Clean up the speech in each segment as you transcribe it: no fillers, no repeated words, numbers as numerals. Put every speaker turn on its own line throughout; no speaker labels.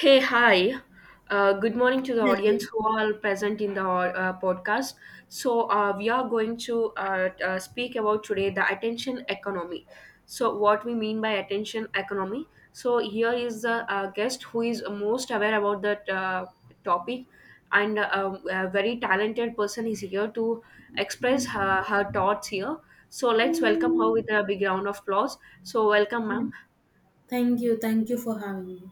Hey, hi. Good morning to the
Hello.
audience who are present in the podcast. So we are going to speak about today the attention economy. So, what we mean by attention economy? So, here is the guest who is most aware about that topic, and a very talented person is here to express her thoughts here. So, let's welcome her with a big round of applause. So, welcome,
Yeah.
ma'am.
Thank you. Thank you for having me.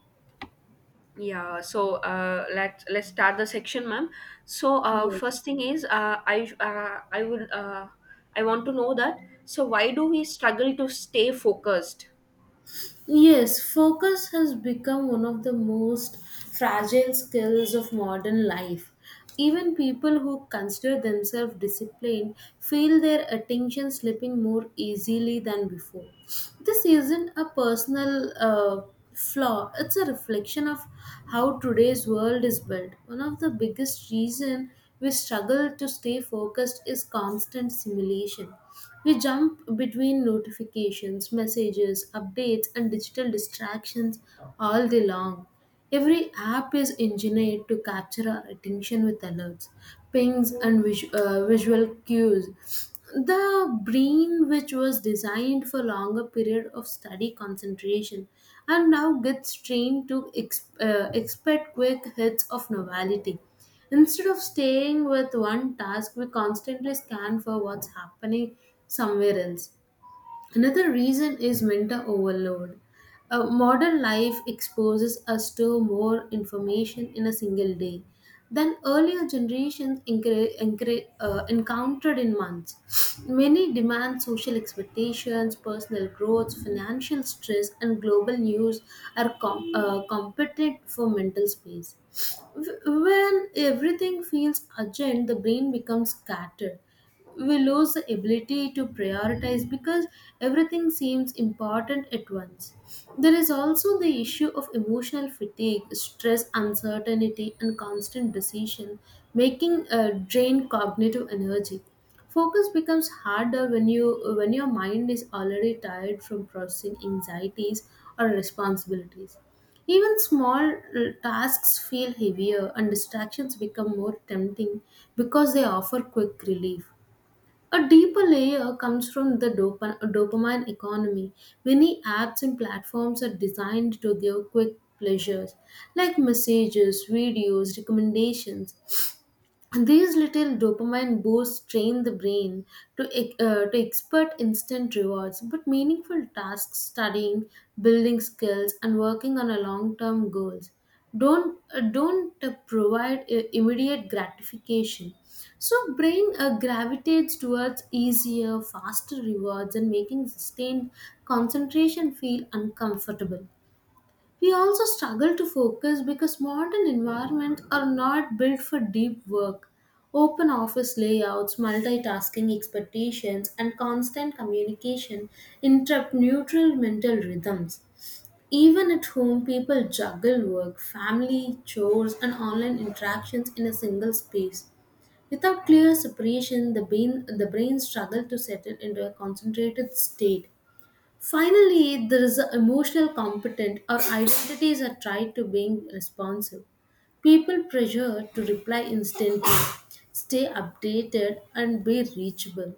Yeah, so let's start the section, ma'am. So
Yes.
first thing is, I would I want to know that. So why do we struggle to stay focused?
Yes, focus has become one of the most fragile skills of modern life. Even people who consider themselves disciplined feel their attention slipping more easily than before. This isn't a personal flaw, it's a reflection of how today's world is built. One of the biggest reasons we struggle to stay focused is constant simulation. We jump between notifications, messages, updates, and digital distractions all day long. Every app is engineered to capture our attention with alerts, pings, and visual cues. The brain, which was designed for longer period of study concentration, and now gets trained to expect quick hits of novelty. Instead of staying with one task, we constantly scan for what's happening somewhere else. Another reason is mental overload. Modern life exposes us to more information in a single day than earlier generations encountered in months. Many demand social expectations, personal growth, financial stress, and global news are competent for mental space. When everything feels urgent, the brain becomes scattered. We lose the ability to prioritize because everything seems important at once. There is also the issue of emotional fatigue, stress, uncertainty, and constant decision making drain cognitive energy. Focus becomes harder when you when your mind is already tired from processing anxieties or responsibilities. Even small tasks feel heavier and distractions become more tempting because they offer quick relief. A deeper layer comes from the dopamine economy. Many apps and platforms are designed to give quick pleasures like messages, videos, recommendations, these little dopamine boosts train the brain to, to expert instant rewards, but meaningful tasks, studying, building skills, and working on a long-term goals, don't provide immediate gratification. So brain gravitates towards easier, faster rewards, and making sustained concentration feel uncomfortable. We also struggle to focus because modern environments are not built for deep work. Open office layouts, multitasking expectations, and constant communication interrupt neutral mental rhythms. Even at home, people juggle work, family, chores, and online interactions in a single space. Without clear separation, the brain struggles to settle into a concentrated state. Finally, there is the emotional competent. Our identities are tied to being responsive. People pressure to reply instantly, stay updated, and be reachable,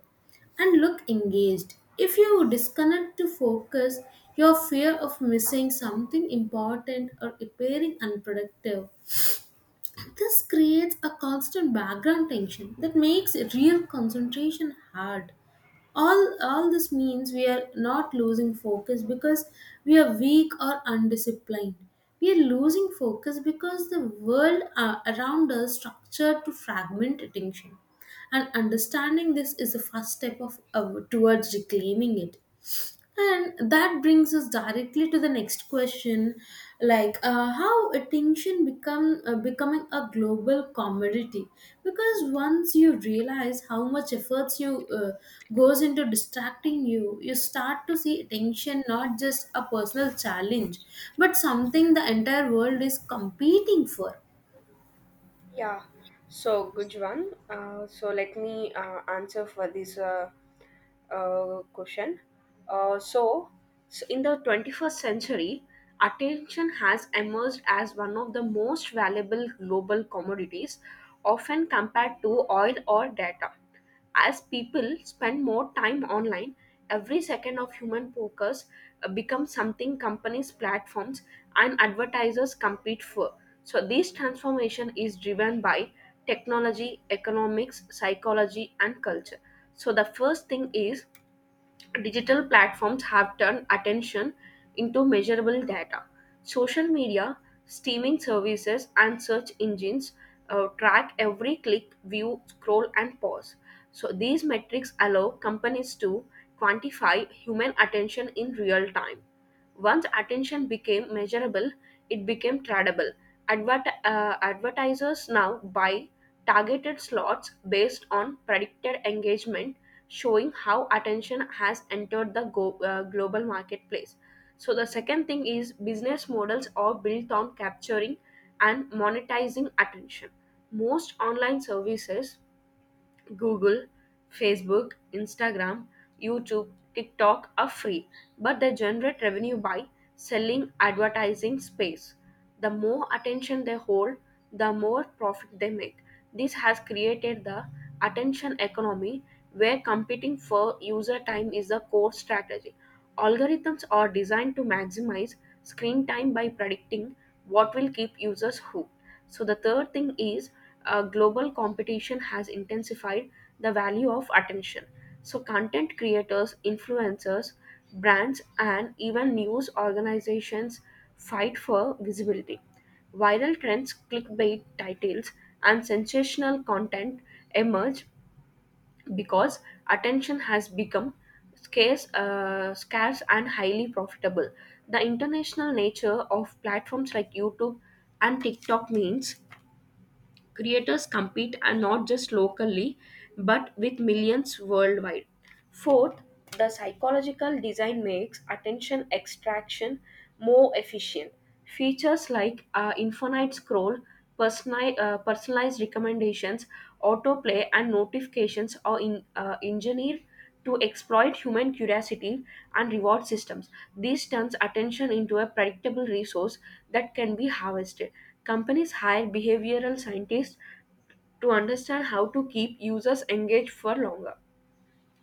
and look engaged. If you disconnect to focus, your fear of missing something important or appearing unproductive, this creates a constant background tension that makes real concentration hard. All this means we are not losing focus because we are weak or undisciplined. We are losing focus because the world around us structured to fragment attention. And understanding this is the first step of towards reclaiming it. And that brings us directly to the next question, like how attention become becoming a global commodity. Because once you realize how much efforts you goes into distracting you, you start to see attention not just a personal challenge, but something the entire world is competing for.
Yeah, so good one. So let me answer for this question. Uh, so, So in the 21st century, attention has emerged as one of the most valuable global commodities, often compared to oil or data. As people spend more time online, every second of human focus becomes something companies, platforms, and advertisers compete for. So, this transformation is driven by technology, economics, psychology, and culture. So, the first thing is digital platforms have turned attention into measurable data. Social media, streaming services, and search engines track every click, view, scroll, and pause. So, these metrics allow companies to quantify human attention in real time. Once attention became measurable, it became tradable. Advertisers now buy targeted slots based on predicted engagement, showing how attention has entered the global marketplace. So, the second thing is business models are built on capturing and monetizing attention. Most online services Google, Facebook, Instagram, YouTube, TikTok are free, but they generate revenue by selling advertising space. The more attention they hold, the more profit they make. This has created the attention economy where competing for user time is the core strategy. Algorithms are designed to maximize screen time by predicting what will keep users hooked. So the third thing is global competition has intensified the value of attention. So content creators, influencers, brands, and even news organizations fight for visibility. Viral trends, clickbait titles, and sensational content emerge because attention has become scarce and highly profitable. The international nature of platforms like YouTube and TikTok means creators compete and not just locally but with millions worldwide. Fourth, the psychological design makes attention extraction more efficient. Features like infinite scroll, personalized recommendations, autoplay, and notifications are engineered to exploit human curiosity and reward systems. This turns attention into a predictable resource that can be harvested. Companies hire behavioral scientists to understand how to keep users engaged for longer.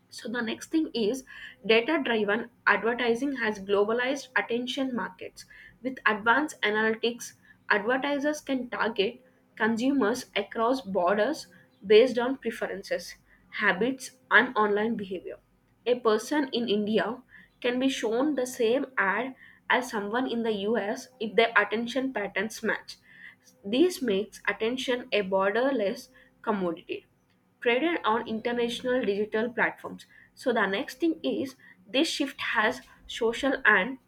So the next thing is data driven advertising has globalized attention markets. With advanced analytics, advertisers can target consumers across borders based on preferences, habits, and online behavior. A person in India can be shown the same ad as someone in the US if their attention patterns match. This makes attention a borderless commodity traded on international digital platforms. So the next thing is this shift has social and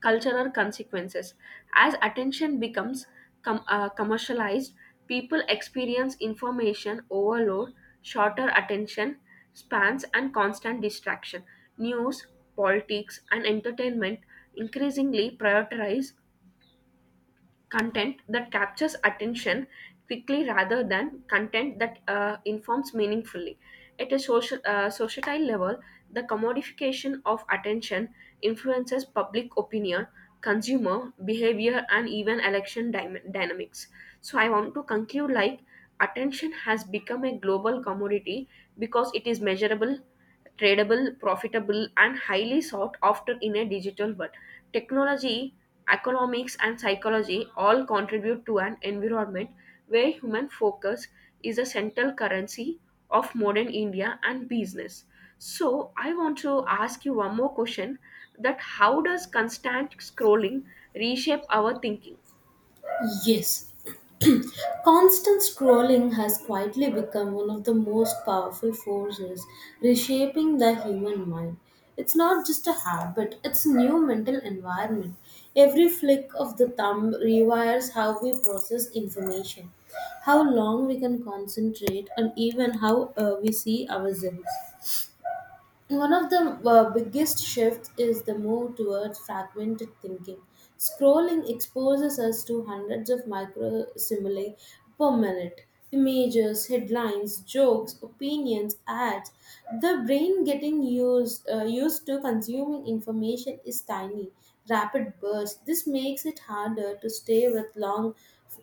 cultural consequences. As attention becomes commercialized, people experience information overload, shorter attention spans, and constant distraction. News, politics, and entertainment increasingly prioritize content that captures attention quickly rather than content that informs meaningfully. At a societal level, the commodification of attention influences public opinion, consumer behavior, and even election dynamics. So, I want to conclude like attention has become a global commodity because it is measurable tradable, profitable, and highly sought after in a digital world. Technology, economics, and psychology all contribute to an environment where human focus is a central currency of modern India and business. So, I want to ask you one more question that how does constant scrolling reshape our thinking?
Yes, constant scrolling has quietly become one of the most powerful forces reshaping the human mind. It's not just a habit, it's a new mental environment. Every flick of the thumb rewires how we process information, how long we can concentrate, and even how we see ourselves. One of the biggest shifts is the move towards fragmented thinking. Scrolling exposes us to hundreds of micro simile per minute images, headlines, jokes, opinions, ads. The brain getting used to consuming information is tiny, rapid bursts. This makes it harder to stay with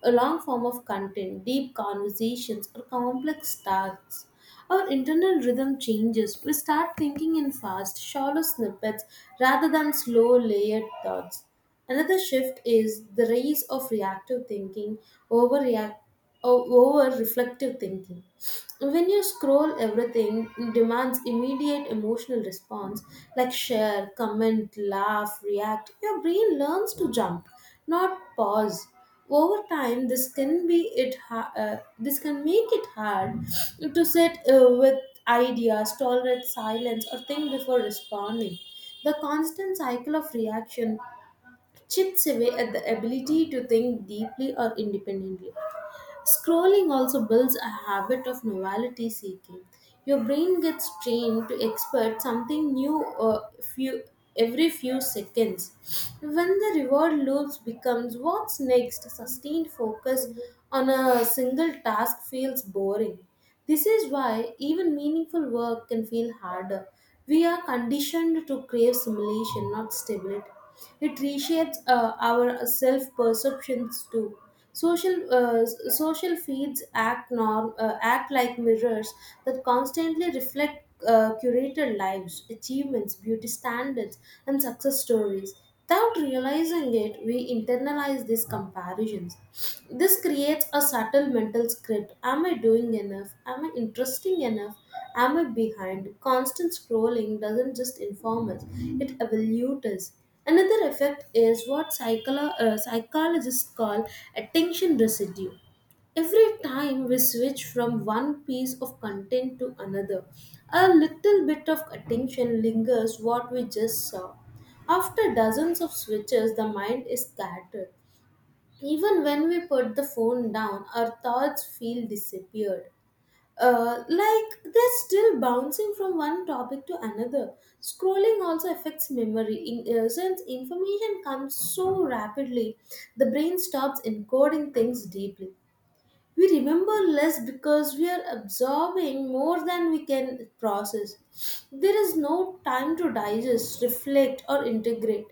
a long form of content, deep conversations, or complex tasks. Our internal rhythm changes. We start thinking in fast, shallow snippets rather than slow, layered thoughts. Another shift is the rise of reactive thinking over react over reflective thinking. When you scroll, everything demands immediate emotional response like share, comment, laugh, react. Your brain learns to jump, not pause. Over time, this can make it hard to sit with ideas, tolerate silence, or think before responding. The constant cycle of reaction chips away at the ability to think deeply or independently. Scrolling also builds a habit of novelty seeking. Your brain gets trained to expect something new few, every few seconds. When the reward loops becomes what's next, sustained focus on a single task feels boring. This is why even meaningful work can feel harder. We are conditioned to crave simulation, not stability. It reshapes our self perceptions too. Social feeds act like mirrors that constantly reflect curated lives, achievements, beauty standards, and success stories. Without realizing it, we internalize these comparisons. This creates a subtle mental script. Am I doing enough? Am I interesting enough? Am I behind? Constant scrolling doesn't just inform us, it evolutes us. Another effect is what psychologists call attention residue. Every time we switch from one piece of content to another, a little bit of attention lingers what we just saw. After dozens of switches, the mind is scattered. Even when we put the phone down, our thoughts feel disappeared. Like they're still bouncing from one topic to another. Scrolling also affects memory. Since information comes so rapidly, the brain stops encoding things deeply. We remember less because we are absorbing more than we can process. There is no time to digest, reflect, or integrate.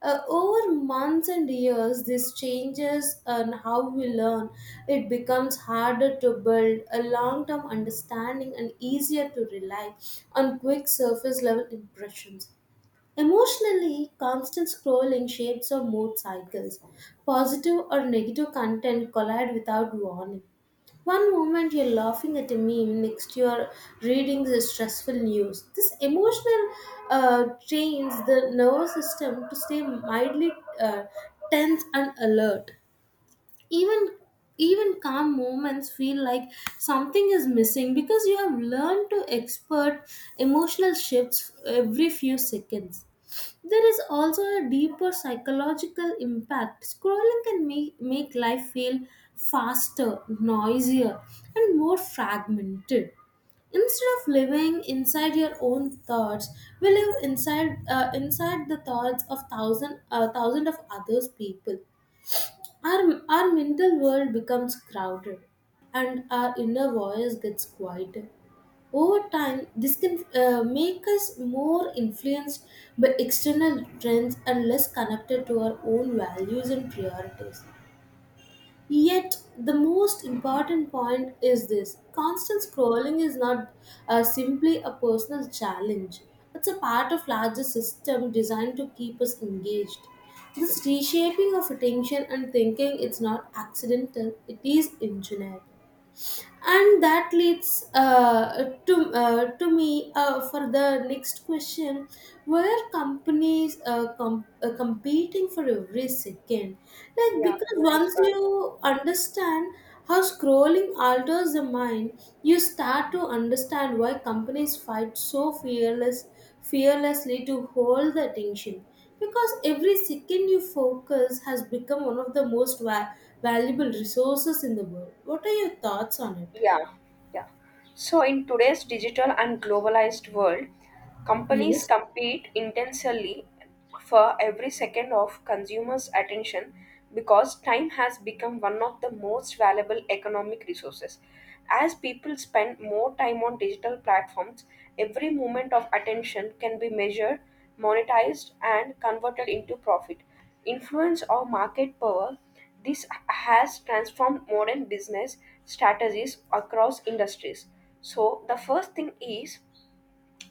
Over months and years, this changes and how we learn. It becomes harder to build a long term understanding and easier to rely on quick surface level impressions. Emotionally, constant scrolling shapes our mood cycles. Positive or negative content collide without warning. One moment you're laughing at a meme, next you're reading the stressful news. This emotional trains the nervous system to stay mildly uh, tense and alert, even even calm moments feel like something is missing because you have learned to expert emotional shifts every few seconds. There is also a deeper psychological impact. Scrolling can make life feel faster, noisier, and more fragmented. Instead of living inside your own thoughts, we live inside inside the thoughts of thousand of others people. Our mental world becomes crowded and our inner voice gets quieter. Over time, this can make us more influenced by external trends and less connected to our own values and priorities. Yet, the most important point is this, constant scrolling is not simply a personal challenge, it's a part of larger system designed to keep us engaged. This reshaping of attention and thinking is not accidental, it is engineered, and that leads to me for the next question, where companies competing for every second, like,
Yeah,
because
nice
once
one.
you understand how scrolling alters the mind, you start to understand why companies fight so fearlessly to hold the attention, because every second you focus has become one of the most valuable resources in the world. What are your thoughts on it?
Yeah, yeah. So in today's digital and globalized world, companies
Yes.
compete intensely for every second of consumers' attention because time has become one of the most valuable economic resources. As people spend more time on digital platforms, every moment of attention can be measured, monetized, and converted into profit, influence, or market power. This has transformed modern business strategies across industries. So, the first thing is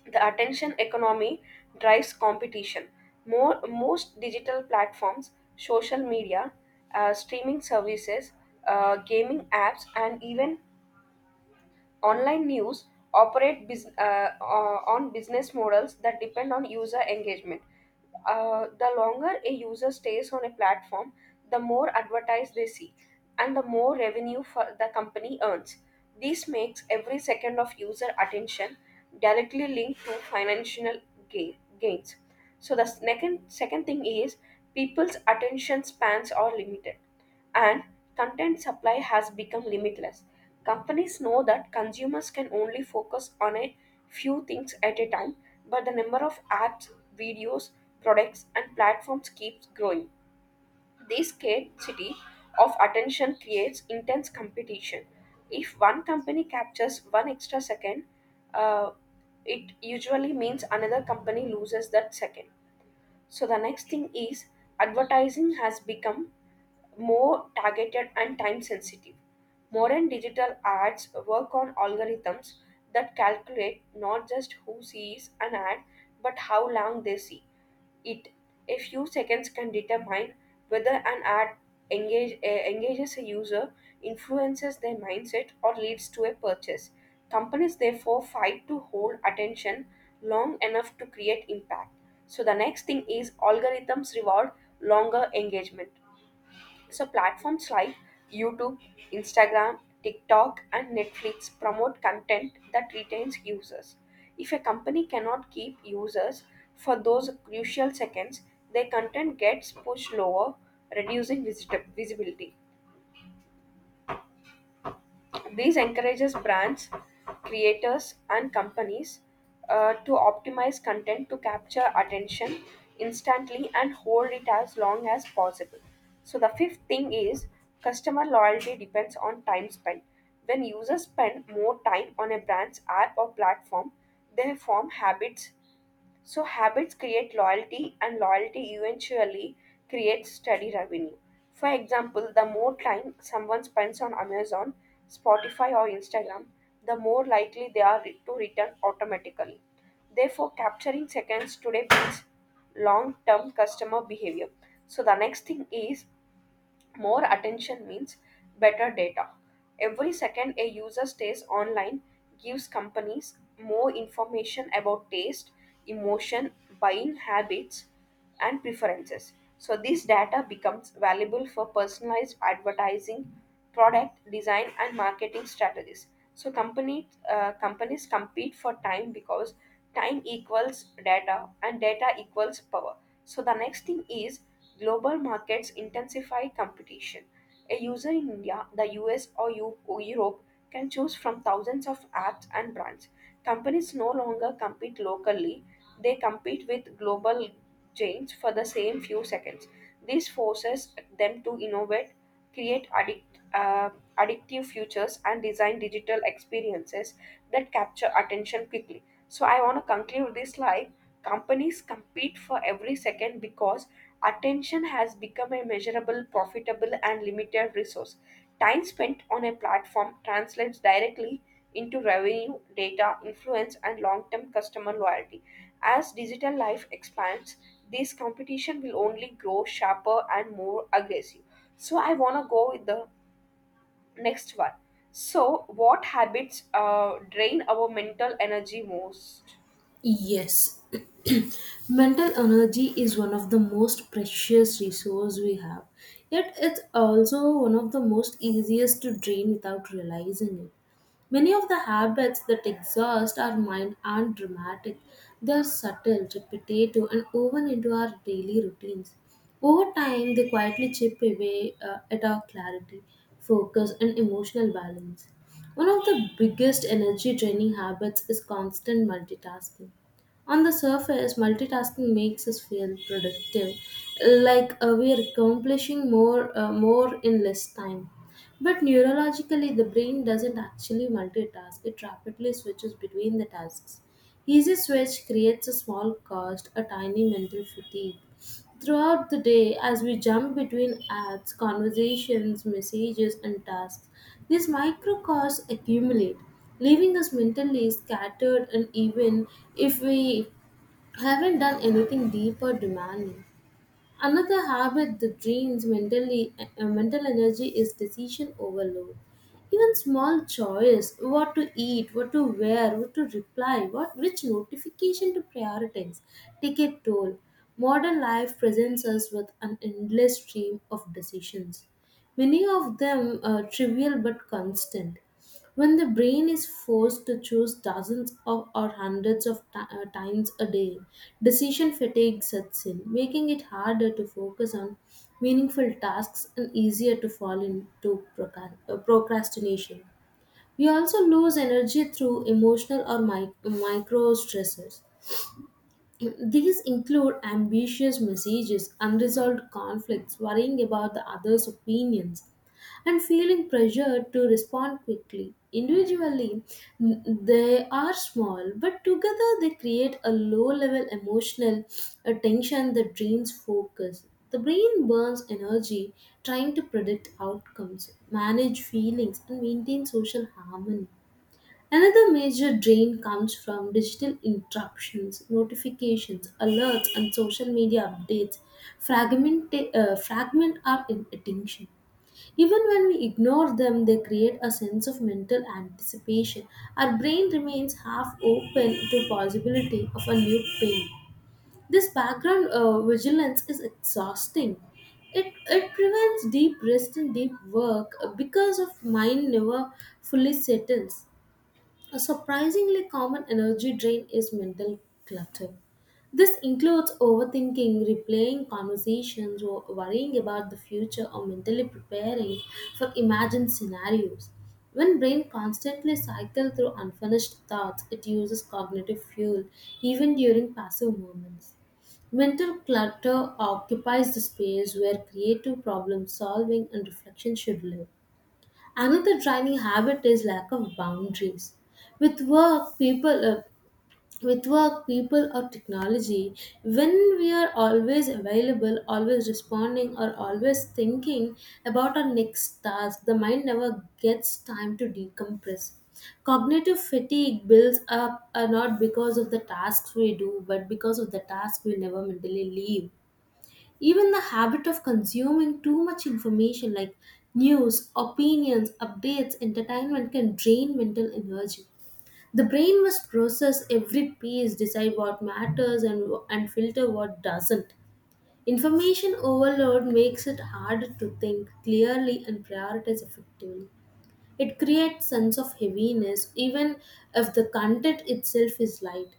the attention economy drives competition. Most digital platforms, social media, streaming services, gaming apps, and even online news operate on business models that depend on user engagement. The longer a user stays on a platform, the more advertise they see and the more revenue for the company earns. This makes every second of user attention directly linked to financial gains. So the second thing is people's attention spans are limited and content supply has become limitless. Companies know that consumers can only focus on a few things at a time, but the number of apps, videos, products, and platforms keeps growing. This scarcity of attention creates intense competition. If one company captures one extra second, uh, it usually means another company loses that second. So the next thing is advertising has become more targeted and time sensitive. Modern digital ads work on algorithms that calculate not just who sees an ad but how long they see. It A few seconds can determine whether an ad engages a user, influences their mindset, or leads to a purchase. Companies therefore fight to hold attention long enough to create impact. So the next thing is algorithms reward longer engagement. So platforms like YouTube, Instagram, TikTok, and Netflix promote content that retains users. If a company cannot keep users for those crucial seconds, their content gets pushed lower, reducing visibility. This encourages brands, creators, and companies to optimize content to capture attention instantly and hold it as long as possible. So, the fifth thing is customer loyalty depends on time spent. When users spend more time on a brand's app or platform, they form habits so habits create loyalty, and loyalty eventually creates steady revenue. For example, the more time someone spends on Amazon, Spotify, or Instagram, the more likely they are to return automatically. Therefore, capturing seconds today builds long term customer behavior. So, the next thing is more attention means better data. Every second a user stays online gives companies more information about taste, emotion, buying habits, and preferences. So, this data becomes valuable for personalized advertising product design and marketing strategies so company companies compete for time because time equals data and data equals power. So the next thing is global markets intensify competition. A user in India, the US, or or europe can choose from thousands of apps and brands. Companies no longer compete locally, they compete with global chains for the same few seconds. This forces them to innovate, create addictive futures, and design digital experiences that capture attention quickly. So, I want to conclude this like companies compete for every second because attention has become a measurable, profitable, and limited resource. Time spent on a platform translates directly into revenue, data, influence, and long term customer loyalty. As digital life expands, this competition will only grow sharper and more aggressive. So, I want to go with the next one. So, what habits drain our mental energy most?
Yes. Mental energy is one of the most precious resource we have. Yet it's also one of the most easiest to drain without realizing it. Many of the habits that exhaust our mind aren't dramatic. They are subtle, repetitive, and woven into our daily routines. Over time, they quietly chip away at our clarity, focus, and emotional balance. One of the biggest energy draining habits is constant multitasking. On the surface, multitasking makes us feel productive, like we are accomplishing more in less time. But neurologically, the brain doesn't actually multitask, it rapidly switches between the tasks. Easy switch creates a small cost, a tiny mental fatigue. Throughout the day, as we jump between ads, conversations, messages, and tasks, these micro costs accumulate, leaving us mentally scattered and even if we haven't done anything deep or demanding. Another habit that drains mental energy is decision overload. Even small choice, what to eat, what to wear, what to reply, what which notification to prioritize, take a toll. Modern life presents us with an endless stream of decisions. Many of them are trivial but constant. When the brain is forced to choose dozens of or hundreds of times a day, decision fatigue sets in, making it harder to focus on meaningful tasks and easier to fall into procrastination. We also lose energy through emotional or micro stressors. These include ambitious messages, unresolved conflicts, worrying about the other's opinions, and feeling pressured to respond quickly. Individually, they are small, but together they create a low level emotional tension that drains focus. The brain burns energy trying to predict outcomes, manage feelings, and maintain social harmony. Another major drain comes from digital interruptions, notifications, alerts, and social media updates fragment our attention. Even when we ignore them, they create a sense of mental anticipation. Our brain remains half open to possibility of a new pain. This background vigilance is exhausting. It prevents deep rest and deep work because of mind never fully settles. A surprisingly common energy drain is mental clutter. This includes overthinking, replaying conversations, or worrying about the future, or mentally preparing for imagined scenarios. When brain constantly cycles through unfinished thoughts, it uses cognitive fuel even during passive moments. Mental clutter occupies the space where creative problem solving and reflection should live. Another driving habit is lack of boundaries. With work, people, uh, with work, people or technology, when we are always available, always responding, or always thinking about our next task, the mind never gets time to decompress. Cognitive fatigue builds up not because of the tasks we do, but because of the tasks we never mentally leave. Even the habit of consuming too much information like news, opinions, updates, entertainment can drain mental energy. The brain must process every piece, decide what matters, and filter what doesn't. Information overload makes it harder to think clearly and prioritize effectively. It creates sense of heaviness even if the content itself is light.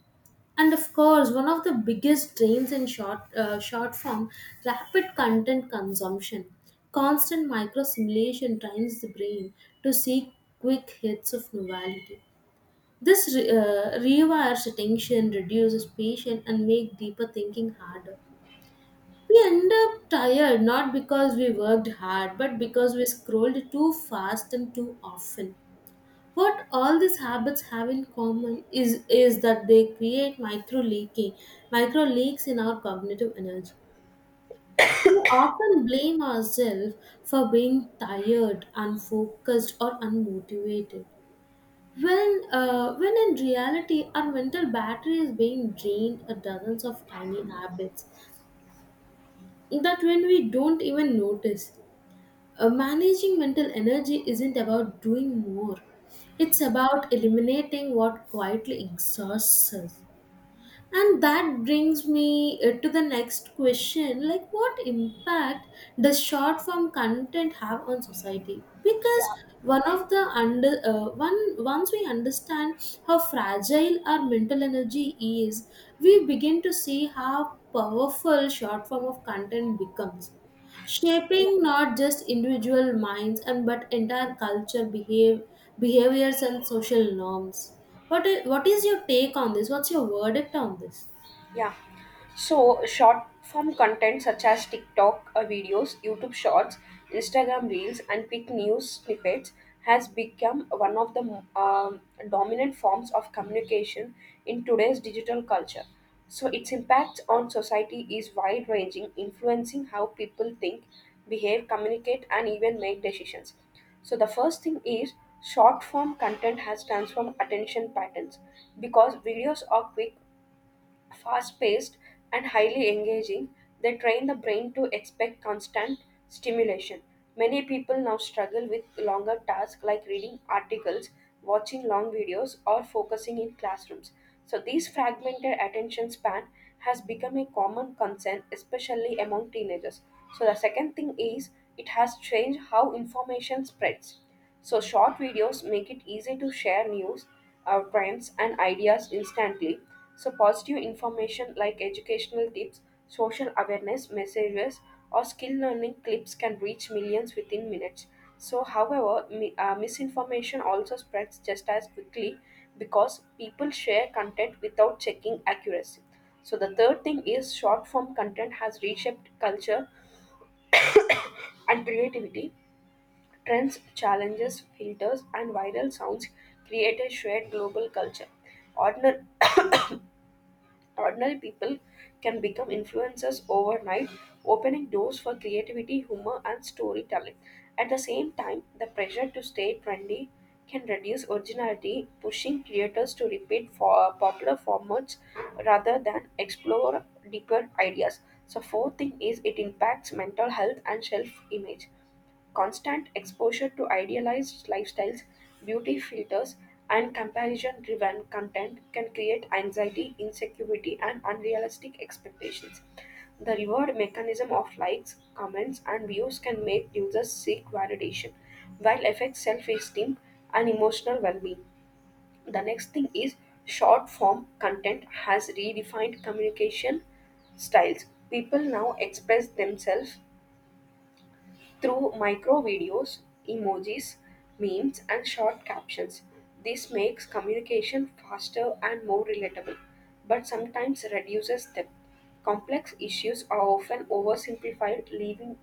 And of course, one of the biggest drains in short form, rapid content consumption. Constant micro simulation trains the brain to seek quick hits of novelty. This rewires attention, reduces patience, and make deeper thinking harder. We end up tired not because we worked hard, but because we scrolled too fast and too often. What all these habits have in common is that they create micro leaks in our cognitive energy. We often blame ourselves for being tired, unfocused, or unmotivated. When in reality, our mental battery is being drained at dozens of tiny habits that when we don't even notice. Managing mental energy isn't about doing more, it's about eliminating what quietly exhausts us. And that brings me to the next question, like, what impact does short form content have on society? Because
Yeah,
one of the under one once we understand how fragile our mental energy is, we begin to see how powerful short form of content becomes,
yeah.
shaping not just individual minds and but entire culture behave behaviors and social norms. What is your take on this? What's your verdict on this?
Yeah. So, short form content such as TikTok videos, YouTube Shorts, Instagram Reels, and quick news snippets has become one of the dominant forms of communication in today's digital culture. So, its impact on society is wide ranging, influencing how people think, behave, communicate, and even make decisions. So, the first thing is short form content has transformed attention patterns because videos are quick fast paced, and highly engaging, they train the brain to expect constant stimulation. Many people now struggle with longer tasks like reading articles, watching long videos, or focusing in classrooms. So, this fragmented attention span has become a common concern, especially among teenagers. So, the second thing is it has changed how information spreads. So, short videos make it easy to share news, trends, and ideas instantly. So, positive information like educational tips, social awareness messages, or skill learning clips can reach millions within minutes. So, however, misinformation also spreads just as quickly because people share content without checking accuracy. So, the third thing is short form content has reshaped culture and creativity. Trends, challenges, filters, and viral sounds create a shared global culture. Ordinary, Ordinary people can become influencers overnight, opening doors for creativity, humor, and storytelling. At the same time, the pressure to stay trendy can reduce originality, pushing creators to repeat for popular formats rather than explore deeper ideas. So, fourth thing is it impacts mental health and self image. Constant exposure to idealized lifestyles, beauty filters, and comparison driven content can create anxiety, insecurity, and unrealistic expectations. The reward mechanism of likes, comments, and views can make users seek validation, while affect self esteem and emotional well being. The next thing is short form content has redefined communication styles. People now express themselves through micro videos, emojis, memes, and short captions. This makes communication faster and more relatable, but sometimes reduces depth. Complex issues are often oversimplified, leaving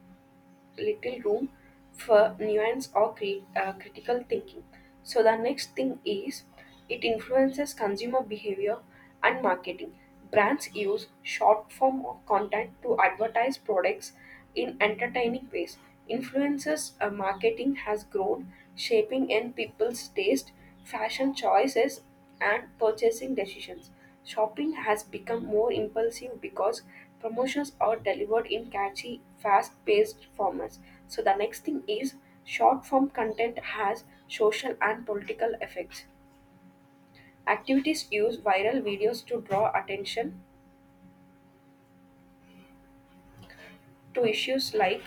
little room for nuance or critical thinking. So, the next thing is it influences consumer behavior and marketing. Brands use short form of content to advertise products in entertaining ways. Influencers marketing has grown, shaping in people's taste, fashion choices, and purchasing decisions. Shopping has become more impulsive because promotions are delivered in catchy, fast paced formats. So, the next thing is short form content has social and political effects. Activities use viral videos to draw attention to issues like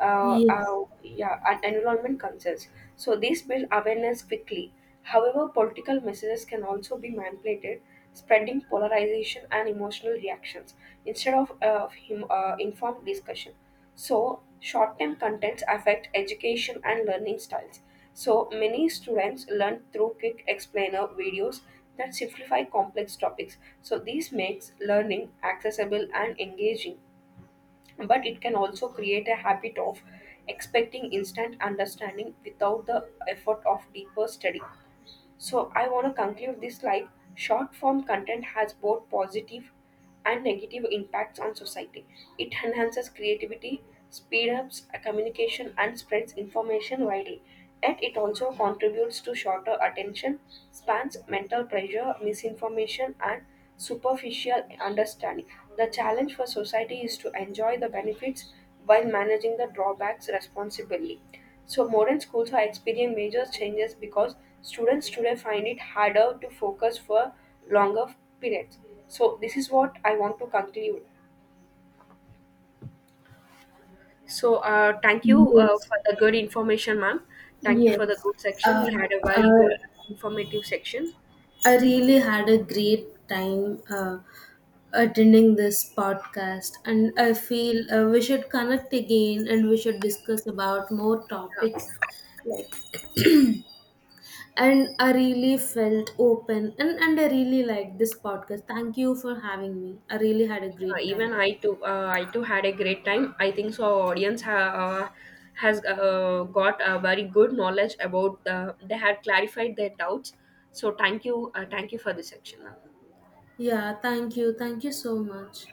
Yes.
yeah, and environment concerns. So these build awareness quickly. However, political messages can also be manipulated, spreading polarization and emotional reactions instead of informed discussion. So short-term contents affect education and learning styles. So many students learn through quick explainer videos that simplify complex topics. So this makes learning accessible and engaging but it can also create a habit of expecting instant understanding without the effort of deeper study. So I want to conclude this like short form content has both positive and negative impacts on society. It enhances creativity, speed ups communication and spreads information widely. Yet it also contributes to shorter attention spans, mental pressure, misinformation and superficial understanding. The challenge for society is to enjoy the benefits while managing the drawbacks responsibly. So, modern schools are experiencing major changes because students today find it harder to focus for longer periods. So, this is what I want to conclude. So, thank you
Yes.
for the good information, ma'am. Thank you
Yes.
for the good section.
uh,
We had a very
uh,
good informative section.
I really had a great time attending this podcast and I feel we should connect again and we should discuss about more
Yeah.
topics, like, and I really felt open, and I really liked this podcast. Thank you for having me. I really had a great time.
Even I too had a great time. I think so. Our audience has got a very good knowledge about the. They had clarified their doubts. So thank you for this section.
Yeah, thank you. Thank you so much.